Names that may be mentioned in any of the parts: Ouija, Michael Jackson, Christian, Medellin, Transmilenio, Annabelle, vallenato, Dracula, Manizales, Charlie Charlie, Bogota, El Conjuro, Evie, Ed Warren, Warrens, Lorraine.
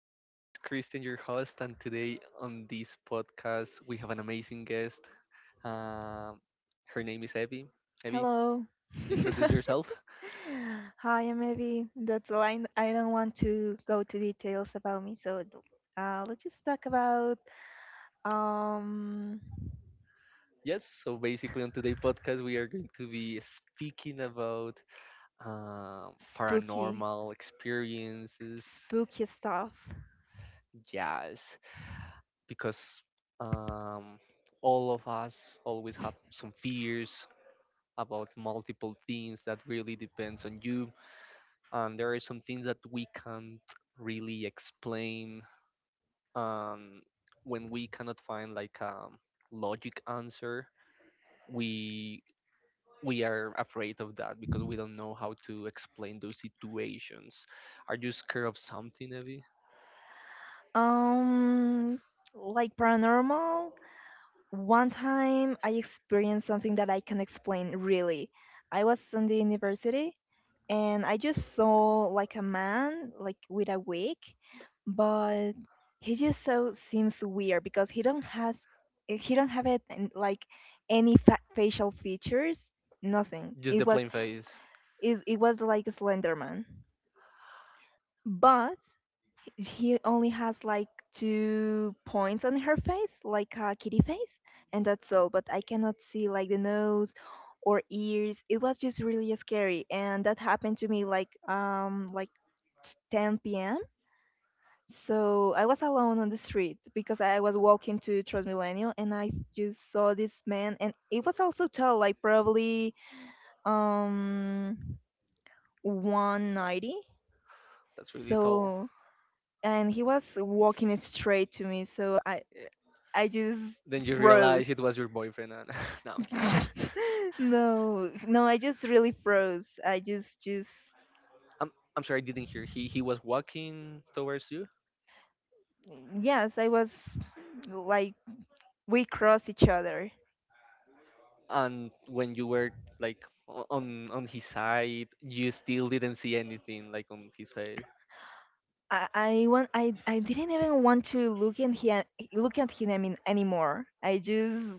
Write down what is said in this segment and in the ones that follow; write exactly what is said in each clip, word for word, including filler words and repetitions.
So, this is Christian, your host, and today on this podcast, we have an amazing guest. Um, Her name is Evie. Evie, Hello. introduce yourself. Hi, I'm Evie. That's the line. I don't want to go to details about me, so uh, let's just talk about um Yes, so basically, on today's podcast, we are going to be speaking about um, spooky, paranormal experiences, spooky stuff. yes, because um, all of us always have some fears about multiple things that really depends on you, and there are some things that we can't really explain. um, when we cannot find like a logic answer, we we are afraid of that because we don't know how to explain those situations. Are you scared of something, Evie? Um, like paranormal, one time I experienced something that I can explain really. I was in the university and I just saw like a man like with a wig, but he just so seems weird because he don't has he don't have it and, like any fa- facial features, nothing. Just It the was plain face. it, it was like a Slender Man, but he only has like two points on her face, like a kitty face, and that's all. But I cannot see like the nose or ears. It was just really scary, and that happened to me like um like ten p m. So I was alone on the street because I was walking to Transmilenio, and I just saw this man, and it was also tall, like probably um one ninety. That's really tall. So and he was walking straight to me so i I just Then you realize froze. it was your boyfriend and no, I'm kidding. No, no, I just really froze. I just, just, i'm, I'm sorry, I didn't hear. He he was walking towards you? yes, I was like we crossed each other. And when you were like o- on on his side, you still didn't see anything like on his face? I, I want, I, I didn't even want to look at him, look at him I mean, anymore. I just,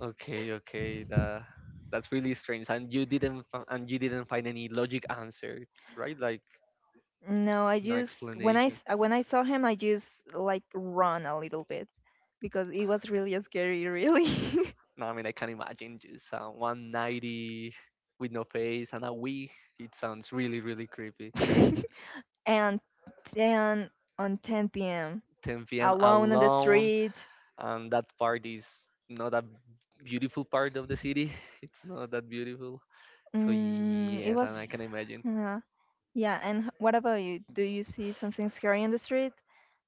okay Okay, that that's really strange. And you didn't fi- and you didn't find any logic answer, right? Like no, I no just when I explanation? s- when I saw him, I just like run a little bit because it was really scary, really. No, I mean, I can imagine. Just uh, one ninety with no face and a wig, it sounds really really creepy. And then on ten p m ten p m alone on the alone, street. and that part is not a beautiful part of the city. It's not that beautiful. So Mm, it yes, and I can was, imagine. yeah, yeah. And h- what about you? Do you see something scary in the street?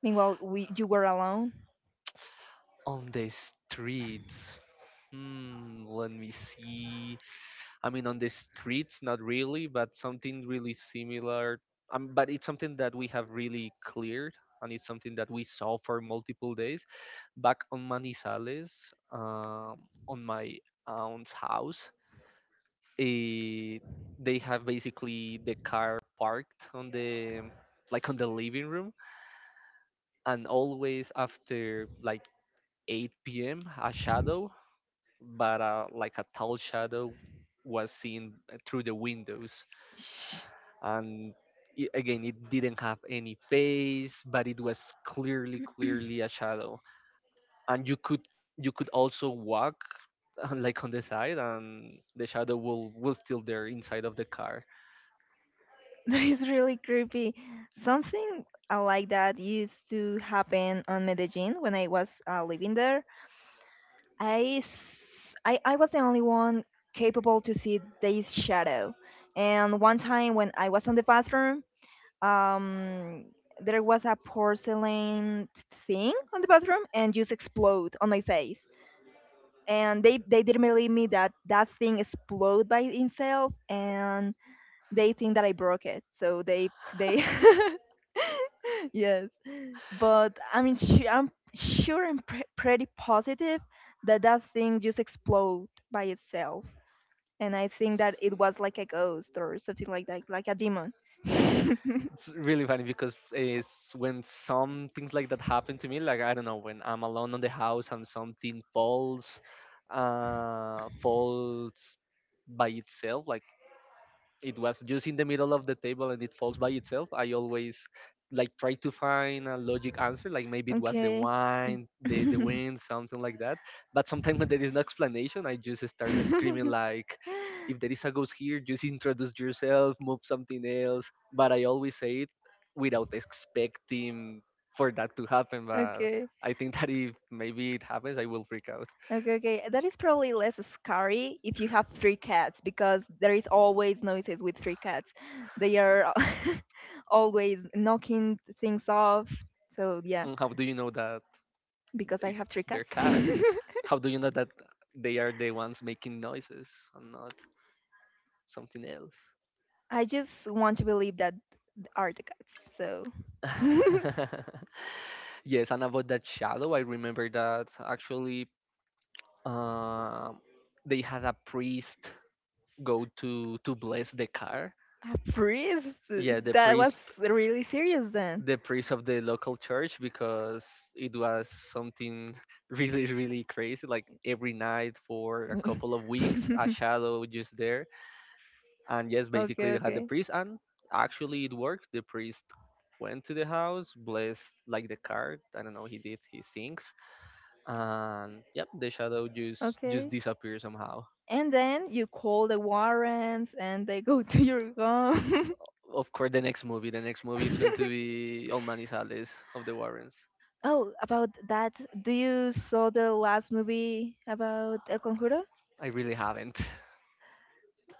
Meanwhile, we you were alone. On the streets. Hmm, let me see. I mean, on the streets, not really, but something really similar. Um, but it's something that we have really cleared, and it's something that we saw for multiple days. Back on Manizales, um, on my aunt's house, eh, they have basically the car parked on the, like, on the living room, and always after like eight p.m. a shadow, but uh, like a tall shadow, was seen uh, through the windows. And I, again, it didn't have any face, but it was clearly clearly a shadow. And you could, you could also walk like on the side, and the shadow will will still there inside of the car. That is really creepy. Something uh, like that used to happen on Medellin when I was uh, living there. I, s- I I was the only one capable to see this shadow. And one time when I was on the bathroom, um, there was a porcelain thing on the bathroom and just explode on my face. And they, they didn't believe me that that thing explode by itself, and they think that I broke it. So they they yes, but I mean, su- I'm sure and pre- pretty positive that that thing just exploded by itself, and I think that it was like a ghost or something like that, like a demon. It's really funny because it's, when some things like that happen to me, like, I don't know, when I'm alone on the house and something falls, uh falls by itself, like, it was just in the middle of the table and it falls by itself, I always like try to find a logic answer, like maybe it was the Okay. wine, the the wind, something like that. But sometimes when there is no explanation, I just start screaming like, if there is a ghost here, just introduce yourself, move something else. But I always say it without expecting for that to happen. But Okay. I think that if maybe it happens, I will freak out. Okay, okay. That is probably less scary if you have three cats because there is always noises with three cats. They are always knocking things off. So yeah, Mm, how do you know that? because I They're, have three they're cats. cats. How do you know that they are the ones making noises and not something else? I just want to believe that are the cats. So Yes, and about that shadow, I remember that actually um, they had a priest go to to bless the car. a priest. Yeah, the That was priest, really serious then. the priest of the local church, because it was something really really crazy, like every night for a couple of weeks, a shadow just there. And yes, Okay, basically, they had the okay. priest, and actually it worked. The priest went to the house, blessed like the card, I don't know, he did his things, and yep, the shadow just just Okay. disappeared somehow. And then you call the warrants and they go to your home. Of course, the next movie, the next movie, it's going to be El Manizales of the Warrens. Oh, about that, do you saw the last movie about El Conjuro? I really haven't.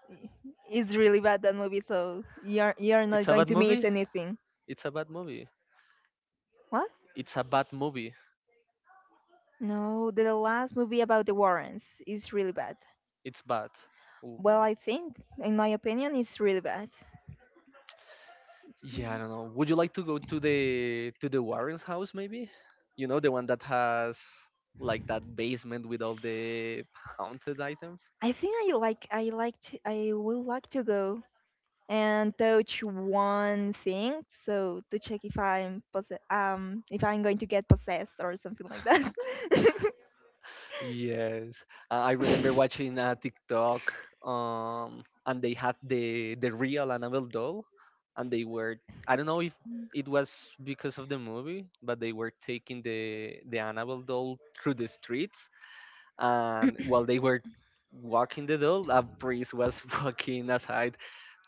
I- It's really bad that movie, so you're you're not It's a going bad to miss movie, anything. it's a bad movie, What? it's a bad movie. No, the last movie about the Warrens is really bad. It's bad. Ooh. Well, I think, in my opinion, it's really bad. Yeah, I Mhm. don't know. Would you like to go to the, to the Warren's house maybe? You know, the one that has like that basement with all the haunted items? I think I like I like to, I would like to go and touch one thing, so to check if I'm posse- um if I'm going to get possessed or something like that. Yes. Uh, I remember watching a TikTok um and they had the the real Annabelle doll, and they were, I don't know if it was because of the movie, but they were taking the the Annabelle doll through the streets, and while they were walking the doll, a priest was walking aside,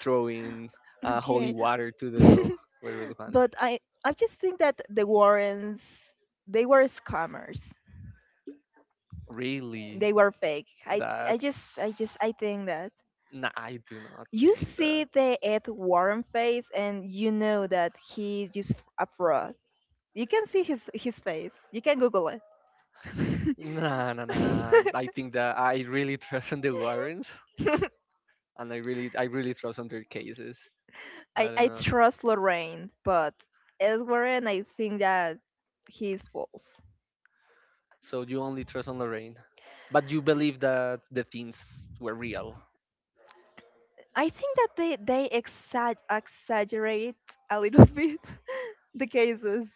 throwing uh, holy Okay, water to the doll. Was really funny. but I I just think that the Warrens they were scammers. Really? They were fake. I I just That's... I just I think that Nah, I do not you think see that. the Ed Warren face and you know that he's just a fraud. You can see his his face. You can Google it. Nah, nah, nah. I think that I really trust on the Warrens, and I really, I really trust on their cases. I I don't I know. trust Lorraine, but Ed Warren I think that he's false. So you only trust on Lorraine, but you believe that the things were real. I think that they they exa- exaggerate a little bit the cases.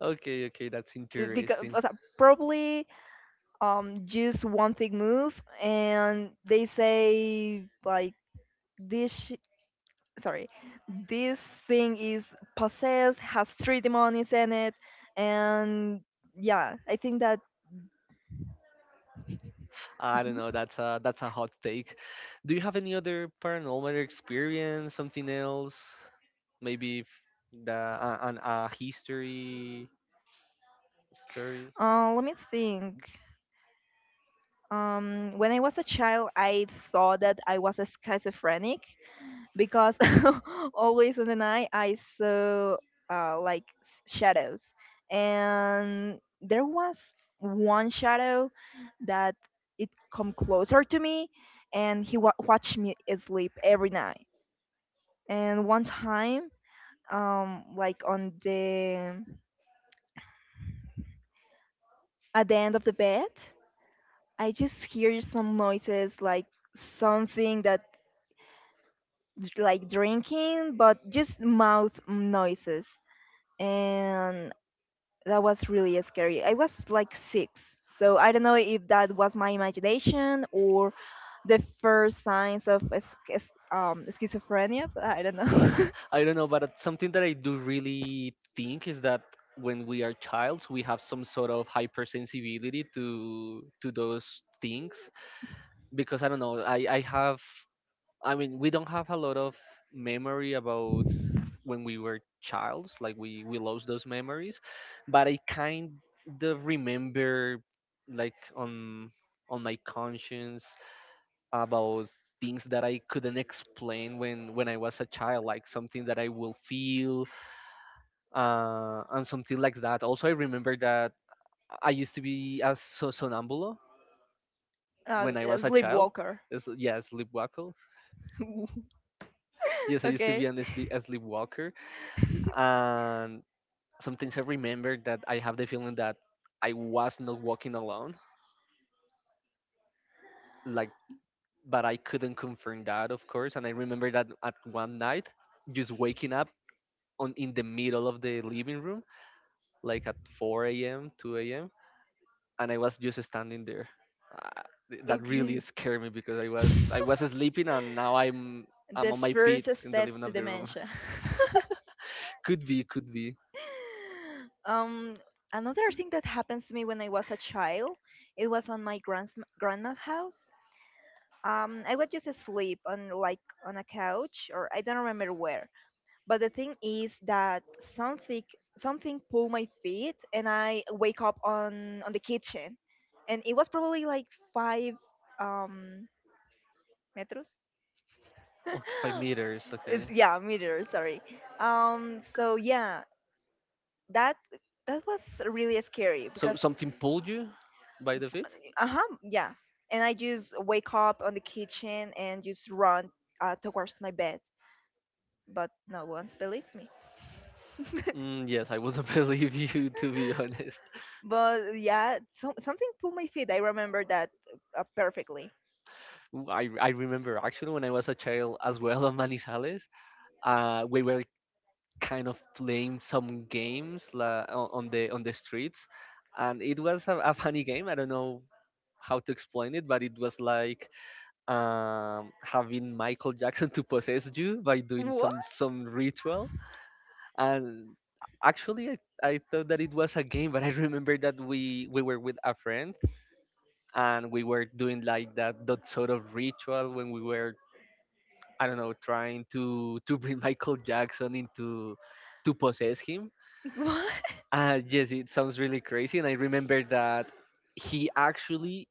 Okay, okay, that's Because interesting. probably um just one thing move and they say like this sh- sorry this thing is possessed has three demons in it and yeah I think that I don't know. That's a, that's a hot take. Do you have any other paranormal experience? Something else? Maybe, if the uh, an a history story. uh, let me think um when I was a child I thought that I was a schizophrenic because always in the night I saw uh, like s- shadows, and there was one shadow that it come closer to me, and he wa- watched me sleep every night. And one time, um, like on the at the end of the bed, I just hear some noises like something that like drinking, but just mouth noises and that was really scary. I was like six, so I don't know if that was my imagination or the first signs of es- es- um, schizophrenia. But I don't know. I don't know, but it's something that I do really think is that when we are childs, we have some sort of hypersensibility to to those things. Because I don't know. I I have. I mean, we don't have a lot of memory about when we were childs, like we we lost those memories. But I kind of remember, like, on on my conscience about things that I couldn't explain when when I was a child, like something that I will feel, uh and something like that. Also, I remember that I used to be a so- sonambulo Uh, when I was a child. sleepwalker. Yes, yeah, sleepwalker. Yes, I used to be Okay. an asleep- a sleepwalker. And sometimes I remember that I have the feeling that I was not walking alone, like, but I couldn't confirm that, of course. And I remember that at one night, just waking up on, in the middle of the living room, like at four a m, two a m, and I was just standing there. Uh, th- that Okay. really scared me because I was, I was sleeping and now I'm I'm The on my feet first in the steps living to of the room. dementia. Could be, could be. Um, another thing that happens to me when I was a child, it was on my grand's grandma's house. Um, I was just asleep on like on a couch or I don't remember where. But the thing is that something something pulled my feet and I wake up on on the kitchen, and it was probably like five um meters. Okay, five meters. Okay. It's- yeah, meters. Sorry. Um. So yeah, that that was really scary So because something pulled you by the feet? uh huh, yeah. And I just wake up on the kitchen and just run uh, towards my bed. But no one's believed me. Mm, yes, I wouldn't believe you, to be honest. But yeah, so, something pulled my feet. I remember that uh, perfectly. I I remember actually when I was a child as well on Manizales, uh, we were kind of playing some games la, o- on the, on the streets, and it was a, a funny game. I don't know how to explain it, but it was like, um, having Michael Jackson to possess you by doing What? some some ritual. And actually, I, I thought that it was a game, but I remember that we we were with a friend, and we were doing like that, that sort of ritual when we were, I don't know, trying to to bring Michael Jackson into, to possess him. What? Uh, yes, it sounds really crazy. And I remember that he actually,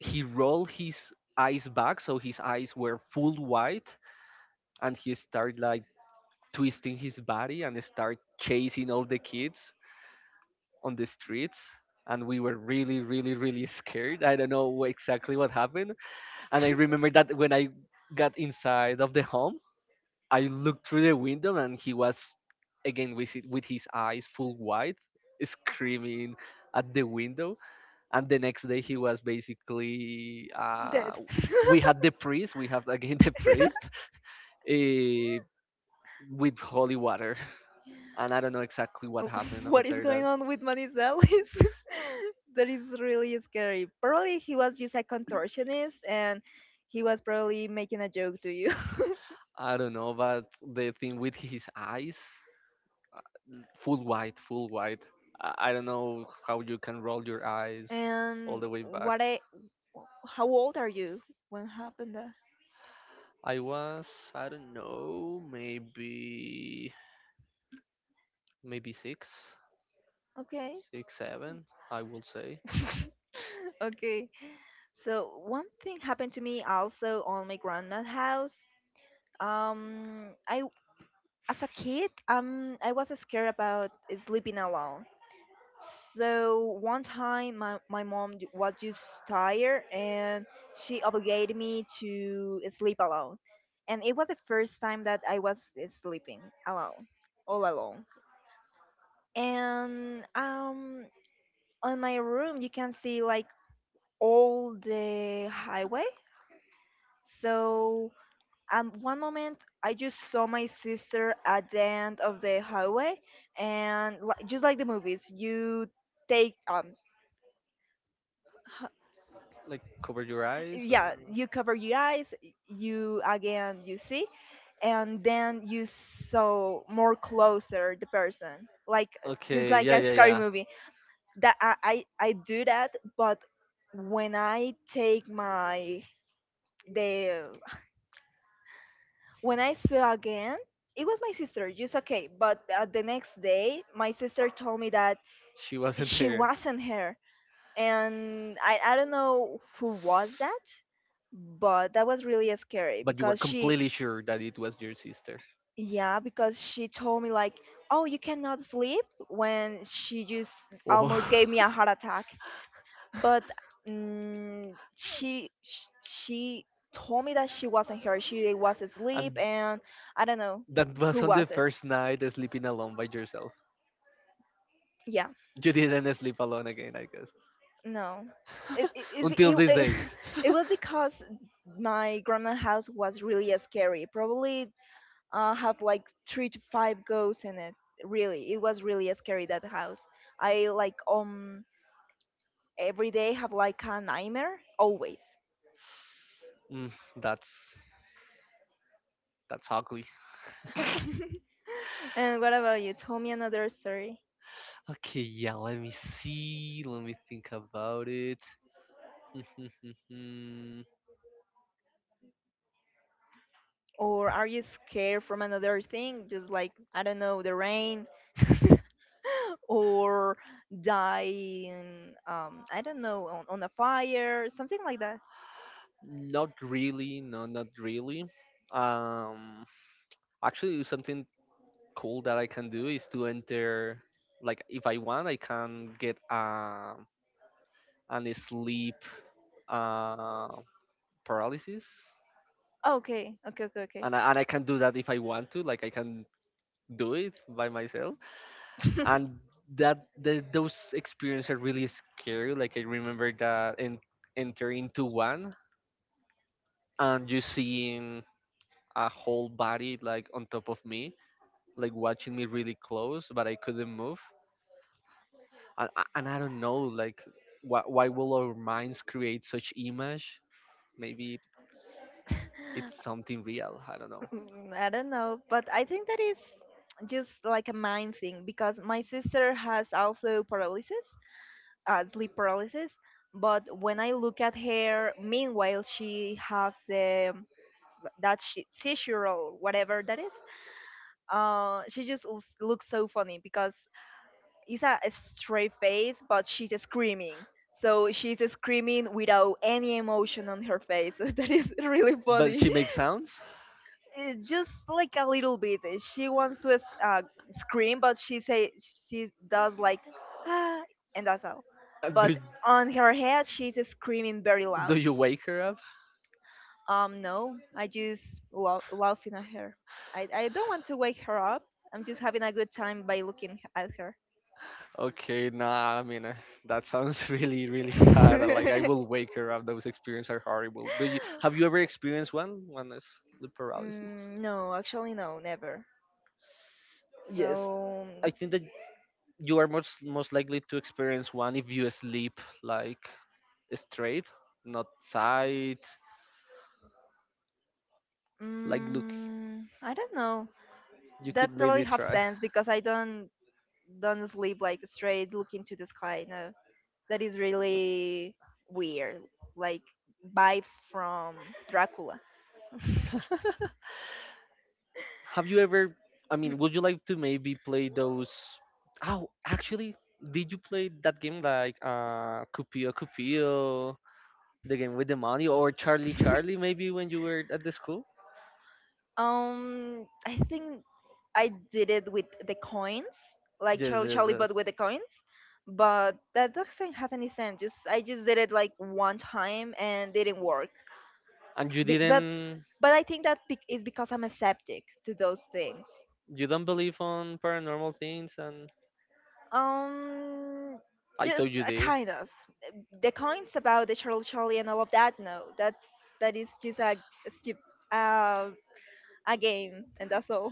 he rolled his eyes back, so his eyes were full white, and he started like twisting his body and start chasing all the kids on the streets, and we were really really really scared. I don't know exactly what happened. And I remember that when I got inside of the home, I looked through the window and he was again with it, with his eyes full wide, screaming at the window. And the next day, he was basically, uh, Dead. we had the priest, we have again the priest, uh, with holy water. And I don't know exactly what happened What is after that. going on with Manizalis? That is really scary. Probably he was just a contortionist and he was probably making a joke to you. I don't know, but the thing with his eyes. Full white, full white. I, I don't know how you can roll your eyes all And the way back. what I Wh- how old are you when happened that? I was, I don't know, maybe, maybe six, Okay. six, seven, I will say. Okay. So one thing happened to me also on my grandma's house. Um, I As a kid, um, I was scared about sleeping alone. So one time, my my mom ju- was just tired, and she obligated me to sleep alone. And it was the first time that I was eh, sleeping alone, all alone. And um on my room you can see like all the highway, so um one moment I just saw my sister at the end of the highway and li- just like the movies you take um Like, cover your eyes or? yeah, you cover your eyes, you again you see and then you saw more closer the person like just Okay, like yeah, a yeah, scary yeah. movie that I, I I do that, but when I take my the when I saw again, it was my sister. Just okay, but uh, the next day, my sister told me that She wasn't she there, wasn't here, and I I don't know who was that, but that was really scary but you were because she completely sure that it was your sister. yeah because she told me like oh you cannot sleep when she just Oh. almost gave me a heart attack but mm, she sh- she told me that she wasn't here. She was asleep, And and I don't know that who was on the was it. first night sleeping alone by yourself. Yeah, You didn't sleep alone again, I guess. no. It, it, it, Until it, this day. it, it was because my grandma house was really scary. Probably uh, have like three to five ghosts in it. Really, it was really scary that house. I like um every day have like a nightmare always. Mm, that's that's ugly. And what about you? Tell me another story. Okay, yeah, let me see. Let me think about it. Or are you scared from another thing, just like, I don't know, the rain? Or dying, um, I don't know, on, on a fire, something like that? Not really, no, not really. Um Actually, something cool that I can do is to enter, like, if I want, I can get um an sleep uh paralysis, Oh, okay, okay, okay, okay. and I, and I can do that if I want to. Like, I can do it by myself. And that the, those experiences are really scary. Like, I remember that in, enter into one and you seeing a whole body like on top of me, like watching me really close, but I couldn't move. And I, and I don't know, like, why why will our minds create such image? Maybe it's, it's something real. I don't know. Mm, I don't know, but I think that is just like a mind thing because my sister has also paralysis, uh, sleep paralysis. But when I look at her, meanwhile she have the that she Sishiroll, whatever that is. Uh, she just looks looks so funny because it's a, a straight face, but she's screaming. So she's screaming without any emotion on her face. That is really But funny. she makes sounds? It's just like a little bit. She wants to uh, scream, but she say she does like, ah, and that's all. Uh, Do, But on her head, she's screaming very do loud. you wake her up? Um, no, I just laugh, laughing at her. I, I don't want to wake her up. I'm just having a good time by looking at her. Okay, nah, I mean, uh, that sounds really, really bad. Uh, like, I will wake her up. Those experiences are horrible. Do you... Have you ever experienced one? One is sleep paralysis? Mm, no, actually, no, never. Yes. So, I think that you are most most likely to experience one if you sleep like straight, not side. Like, look, mm, I don't know. you could That probably maybe have try. sense because I don't don't sleep like straight looking to the sky. No. That is really weird, like vibes from Dracula. Have you ever, i mean would you like to maybe play those oh actually did you play that game like uh cupio cupio, the game with the money, or Charlie Charlie, maybe when you were at the school? Um, I think I did it with the coins, like Yes, Charlie yes, Charlie, yes. but with the coins. But that doesn't have any sense. Just I just did it like one time and didn't work. And you Be- but didn't? but I think that bec- is because I'm aseptic to those things. You don't believe on paranormal things? And Um, I just thought you a did. kind of the coins about the Charlie Charlie and all of that. No, that that is just a stupid uh, a game, and that's all.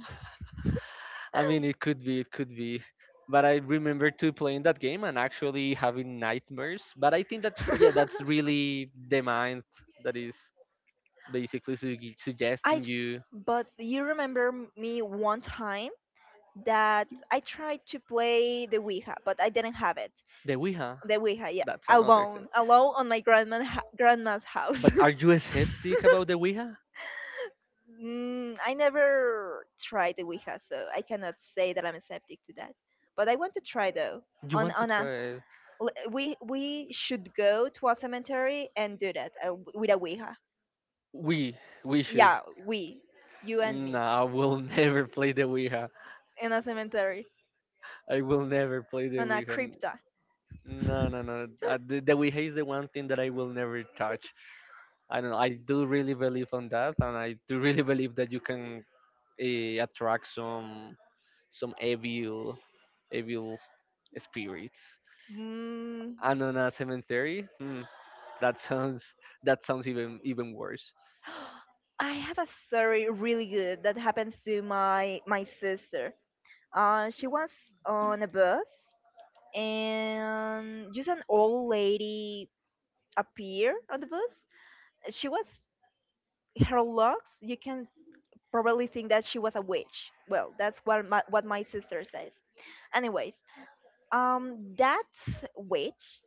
I mean, it could be, it could be. But I remember to playing that game and actually having nightmares. But I think that, yeah, that's really the mind that is basically su- I suggesting j- you but you remember m- me one time that I tried to play the Ouija, but I didn't have it. the Ouija. The Ouija, yeah, That's another thing. alone, alone on my grandma ha- grandma's house. But are you a skeptic about the Ouija? Mm, I never tried the Ouija, so I cannot say that I'm skeptic to that. But I want to try though. You On want to on a try it? l- we we should go to a cemetery and do that uh, w- with a Ouija. We we should. Yeah, we, you and No, me, I will never play the Ouija. in a cemetery, I will never play the on a Ouija. N- crypta. No, no, no. Uh, The, the Ouija is the one thing that I will never touch. I don't know. I do really believe on that, and I do really believe that you can uh, attract some some evil evil spirits. Mm, And on a cemetery, hmm, that sounds that sounds even even worse. I have a story really good that happens to my my sister. Uh, she was on a bus, and just an old lady appeared on the bus. She was her looks. You can probably think that she was a witch. Well, that's what my, what my sister says. Anyways, um, that witch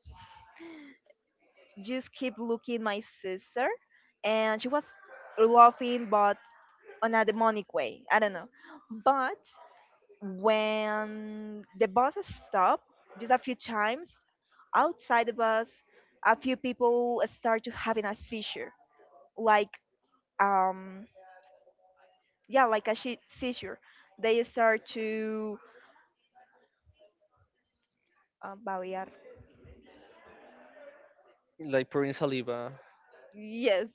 just keep looking my sister, and she was laughing, but on a demonic way. I don't know, but when the bus stopped just a few times outside the bus a few people start to having a seizure like um yeah, like a shi- seizure. They start to uh, balear. Like pouring saliva, Yes,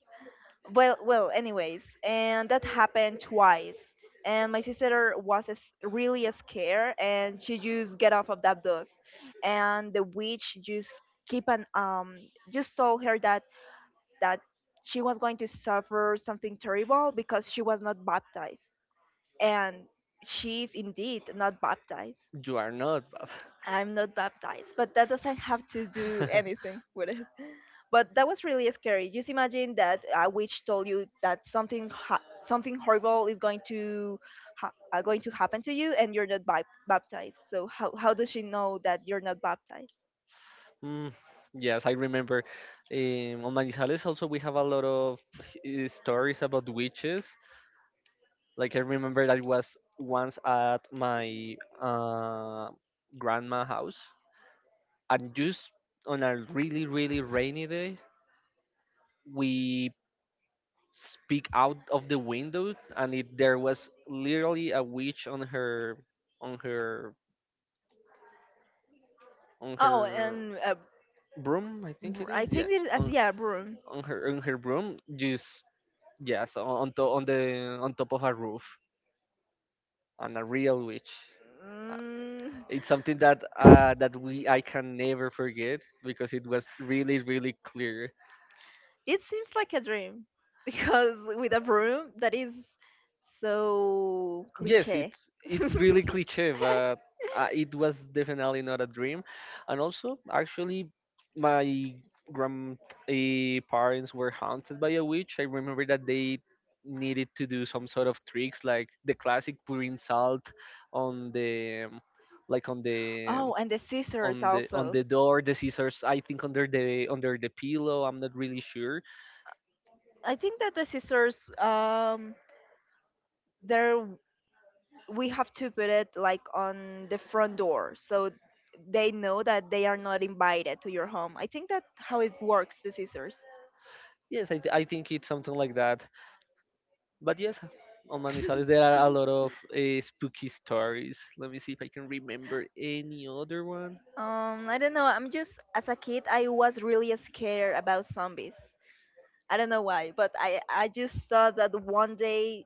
well well anyways, and that happened twice, and my sister was s- really scared, and she just get off of that bus, and the witch just keep an um just told her that that she was going to suffer something terrible because she was not baptized. And she is indeed not baptized. you are not. Bab. I'm not baptized, but that doesn't have to do anything with it. But that was really scary. Just imagine that a witch told you that something ha- something horrible is going to ha- uh, going to happen to you, and you're not bi- baptized. So how how does she know that you're not baptized? Mm, yes, I remember. Um, on Manizales, also we have a lot of h- eh, stories about witches. Like I remember that it was once at my uh, grandma house, and just on a really really rainy day, we peek out of the window, and it, there was literally a witch on her on her on Oh, her and uh, broom. I think it Br- I is. think Yeah, this, uh, on yeah, broom. on her on her broom. Just yes, on on, to, on the on top of a roof, and a real witch. Mm. It's something that uh, that we I can never forget because it was really really clear. It seems like a dream because with a broom that is so Yes, cliche. it's it's really cliche, but uh, it was definitely not a dream. And also, actually, my grand eh, parents were haunted by a witch. I remember that they needed to do some sort of tricks, like the classic pouring salt on the, like on the, Oh, and the scissors on the, on also. the door, the scissors, I think under the under the pillow, I'm not really sure. I think that the scissors, um, there w- we have to put it like on the front door so they know that they are not invited to your home. I think that how it works, the scissors. Yes, I, th- I think it's something like that. But yes, on Manizales there are a lot of uh, spooky stories. Let me see if I can remember any other one. Um, I don't know. I'm just as a kid, I was really scared about zombies. I don't know why, but I I just thought that one day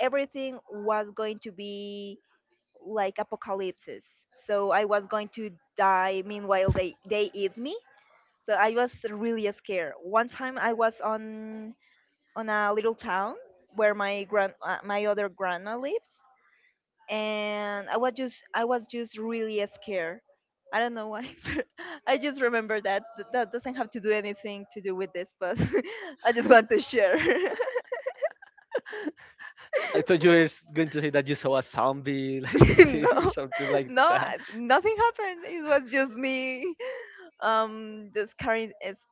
everything was going to be like apocalypses. So I was going to die. Meanwhile, they they eat me. So I was really scared. One time I was on on a little town where my grand uh, my other grandma lives, and I was just I was just really scared. I don't know why, but I just remember that Th- that doesn't have to do anything to do with this, but I just want to share. I thought you were s- going to say that you saw a zombie live there or No, something like no, that. I- nothing happened. It was just me, um, just scaring, is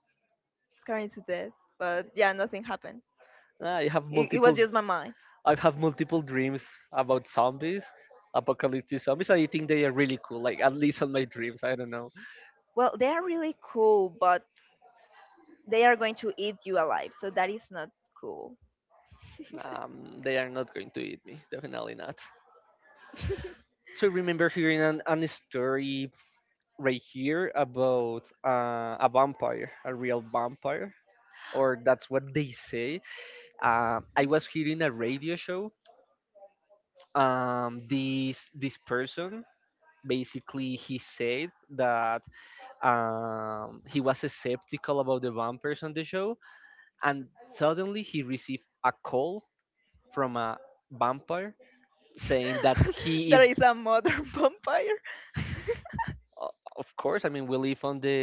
scaring to death. But yeah, nothing happened. Ah, I have It, it multiple, was just my mind. I have multiple dreams about zombies, apocalyptic zombies, and I think they are really cool. Like at least on my dreams, I don't know. Well, they are really cool, but they are going to eat you alive, so that is not cool. Um, they are not going to eat me, definitely not. So I remember hearing an, an story right here about uh, a vampire, a real vampire, or that's what they say. Uh, I was hearing a radio show. Um, this this person basically he said that um, he was skeptical about the vampires on the show, and suddenly he received a call from a vampire saying that he There is. is a modern vampire. O- Of course, I mean we live on the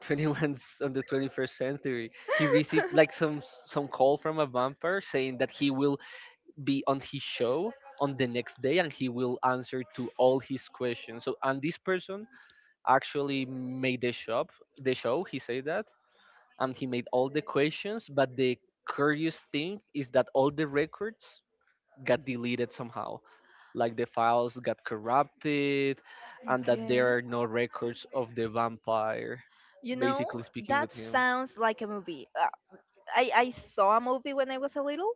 twenty-first, on the twenty-first century. He received like some some call from a vampire saying that he will be on his show on the next day, and he will answer to all his questions. So, and this person actually made the shop, the show. He said that, and he made all the questions. But the curious thing is that all the records got deleted somehow, like the files got corrupted, and that Okay. there are no records of the vampire You know, basically speaking with that him. sounds like a movie. Uh, I, I saw a movie when I was a little,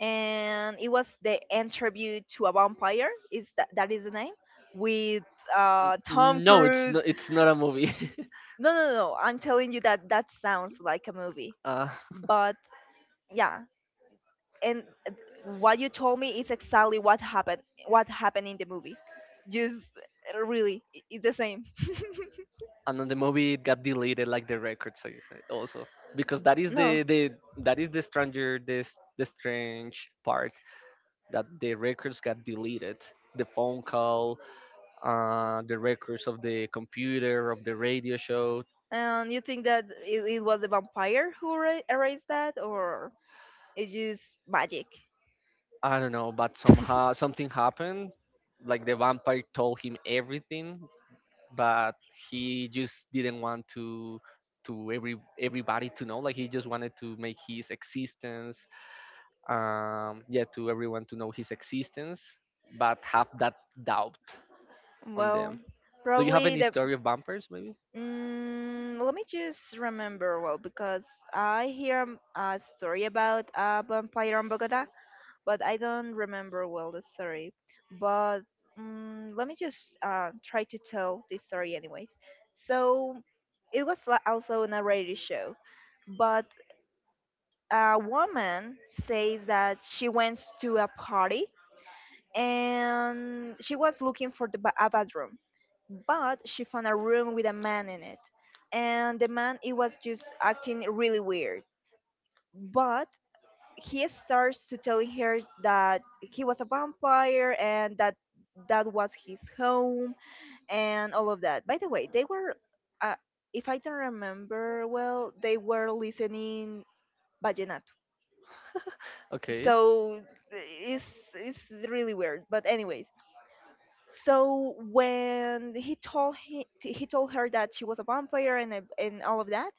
and it was the interview to a vampire. Is that that is the name? With uh, Tom N- no, it's Cruise. not, it's not a movie. No, no, no, no, I'm telling you that that sounds like a movie. uh, But yeah, and uh, what you told me is exactly what happened. What happened in the movie? Just uh, really, i- it's the same. and on the movie it got deleted like the records I said, also, because that is No, the, the that is the stranger, this the strange part, that the records got deleted, the phone call, uh, the records of the computer of the radio show. and you think that it, it was the vampire who ra- erased that, or it's just magic? I don't know, but somehow something happened. Like the vampire told him everything, but he just didn't want to to every everybody to know. Like he just wanted to make his existence, um, yeah, to everyone to know his existence, but have that doubt on Well, them. Do you have probably any the. story of vampires, maybe? Mm, let me just remember well because I hear um, a story about a vampire in Bogota, but I don't remember well the story. But mm, let me just uh, try to tell this story anyways. So it was li- also on a radio show, but a woman says that she went to a party and she was looking for the ba- a bathroom, but she found a room with a man in it, and the man, he was just acting really weird, but he starts to telling her that he was a vampire and that that was his home and all of that. By the way, they were uh, if I don't remember well, they were listening vallenato. Okay, So it's it's really weird, but anyways. So when he told he, he told her that she was a vampire and ev- and all of that,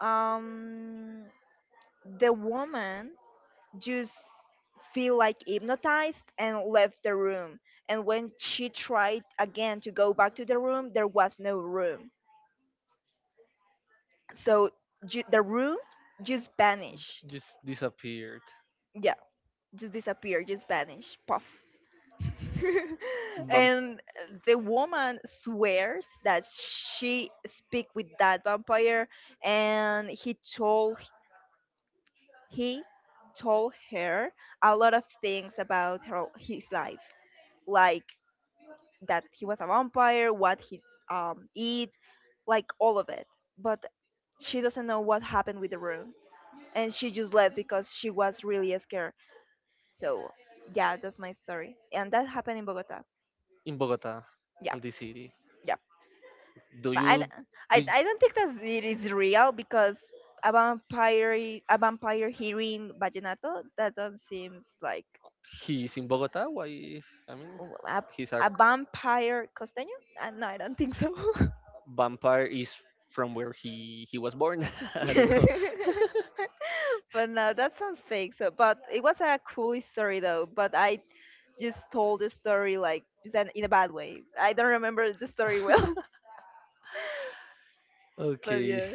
um, the woman just feel like hypnotized and left the room. And when she tried again to go back to the room, there was no room. So ju- the room just vanished. just disappeared. Yeah, just disappeared, just vanished. Puff. Vamp- And the woman swears that she speak with that vampire, and he told he told her a lot of things about her his life, like that he was a vampire, what he um eat, like all of it. But she doesn't know what happened with the room, and she just left because she was really scared. So yeah, that's my story, and that happened in Bogota. in Bogota, Yeah. on the city. Yeah. Do But I, you? don't- Do I, you- I don't think that it is real because a vampire, a vampire hearing vallenato, that don't seems like he's in Bogota? Why? I mean, a, he's a a vampire costeño. Uh, no, I don't think so. vampire. Is from where he he was born. I don't know. But no, that sounds fake. So, but it was a cool story though. But I just told the story like just in in a bad way. I don't remember the story well. But Okay, yeah,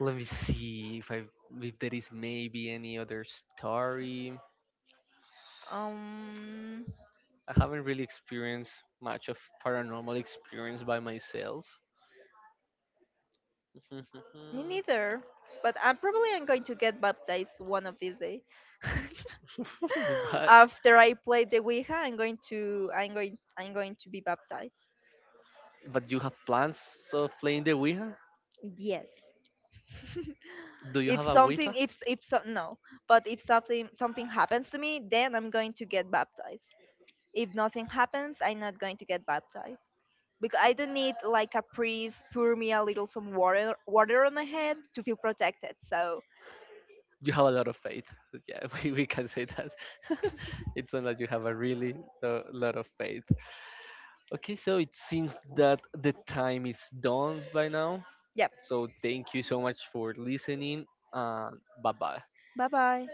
let me see if I, if there is maybe any other story. um, I haven't really experienced much of paranormal experience by myself. me neither. But I'm probably I'm going to get baptized one of these days. but After I play the Ouija, I'm going to I'm going I'm going to be baptized. But you have plans of playing the Ouija? Yes. Do you If have a something Ouija? if if so, no, but if something something happens to me, then I'm going to get baptized. If nothing happens, I'm not going to get baptized. Because I don't need like a priest pour me a little some water water on my head to feel protected. So, You have a lot of faith. Yeah, we, we can say that. It sounds like you have a really lo- lot of faith. Okay, so it seems that the time is done by now. yeah. So thank you so much for listening. And bye bye. Bye-bye.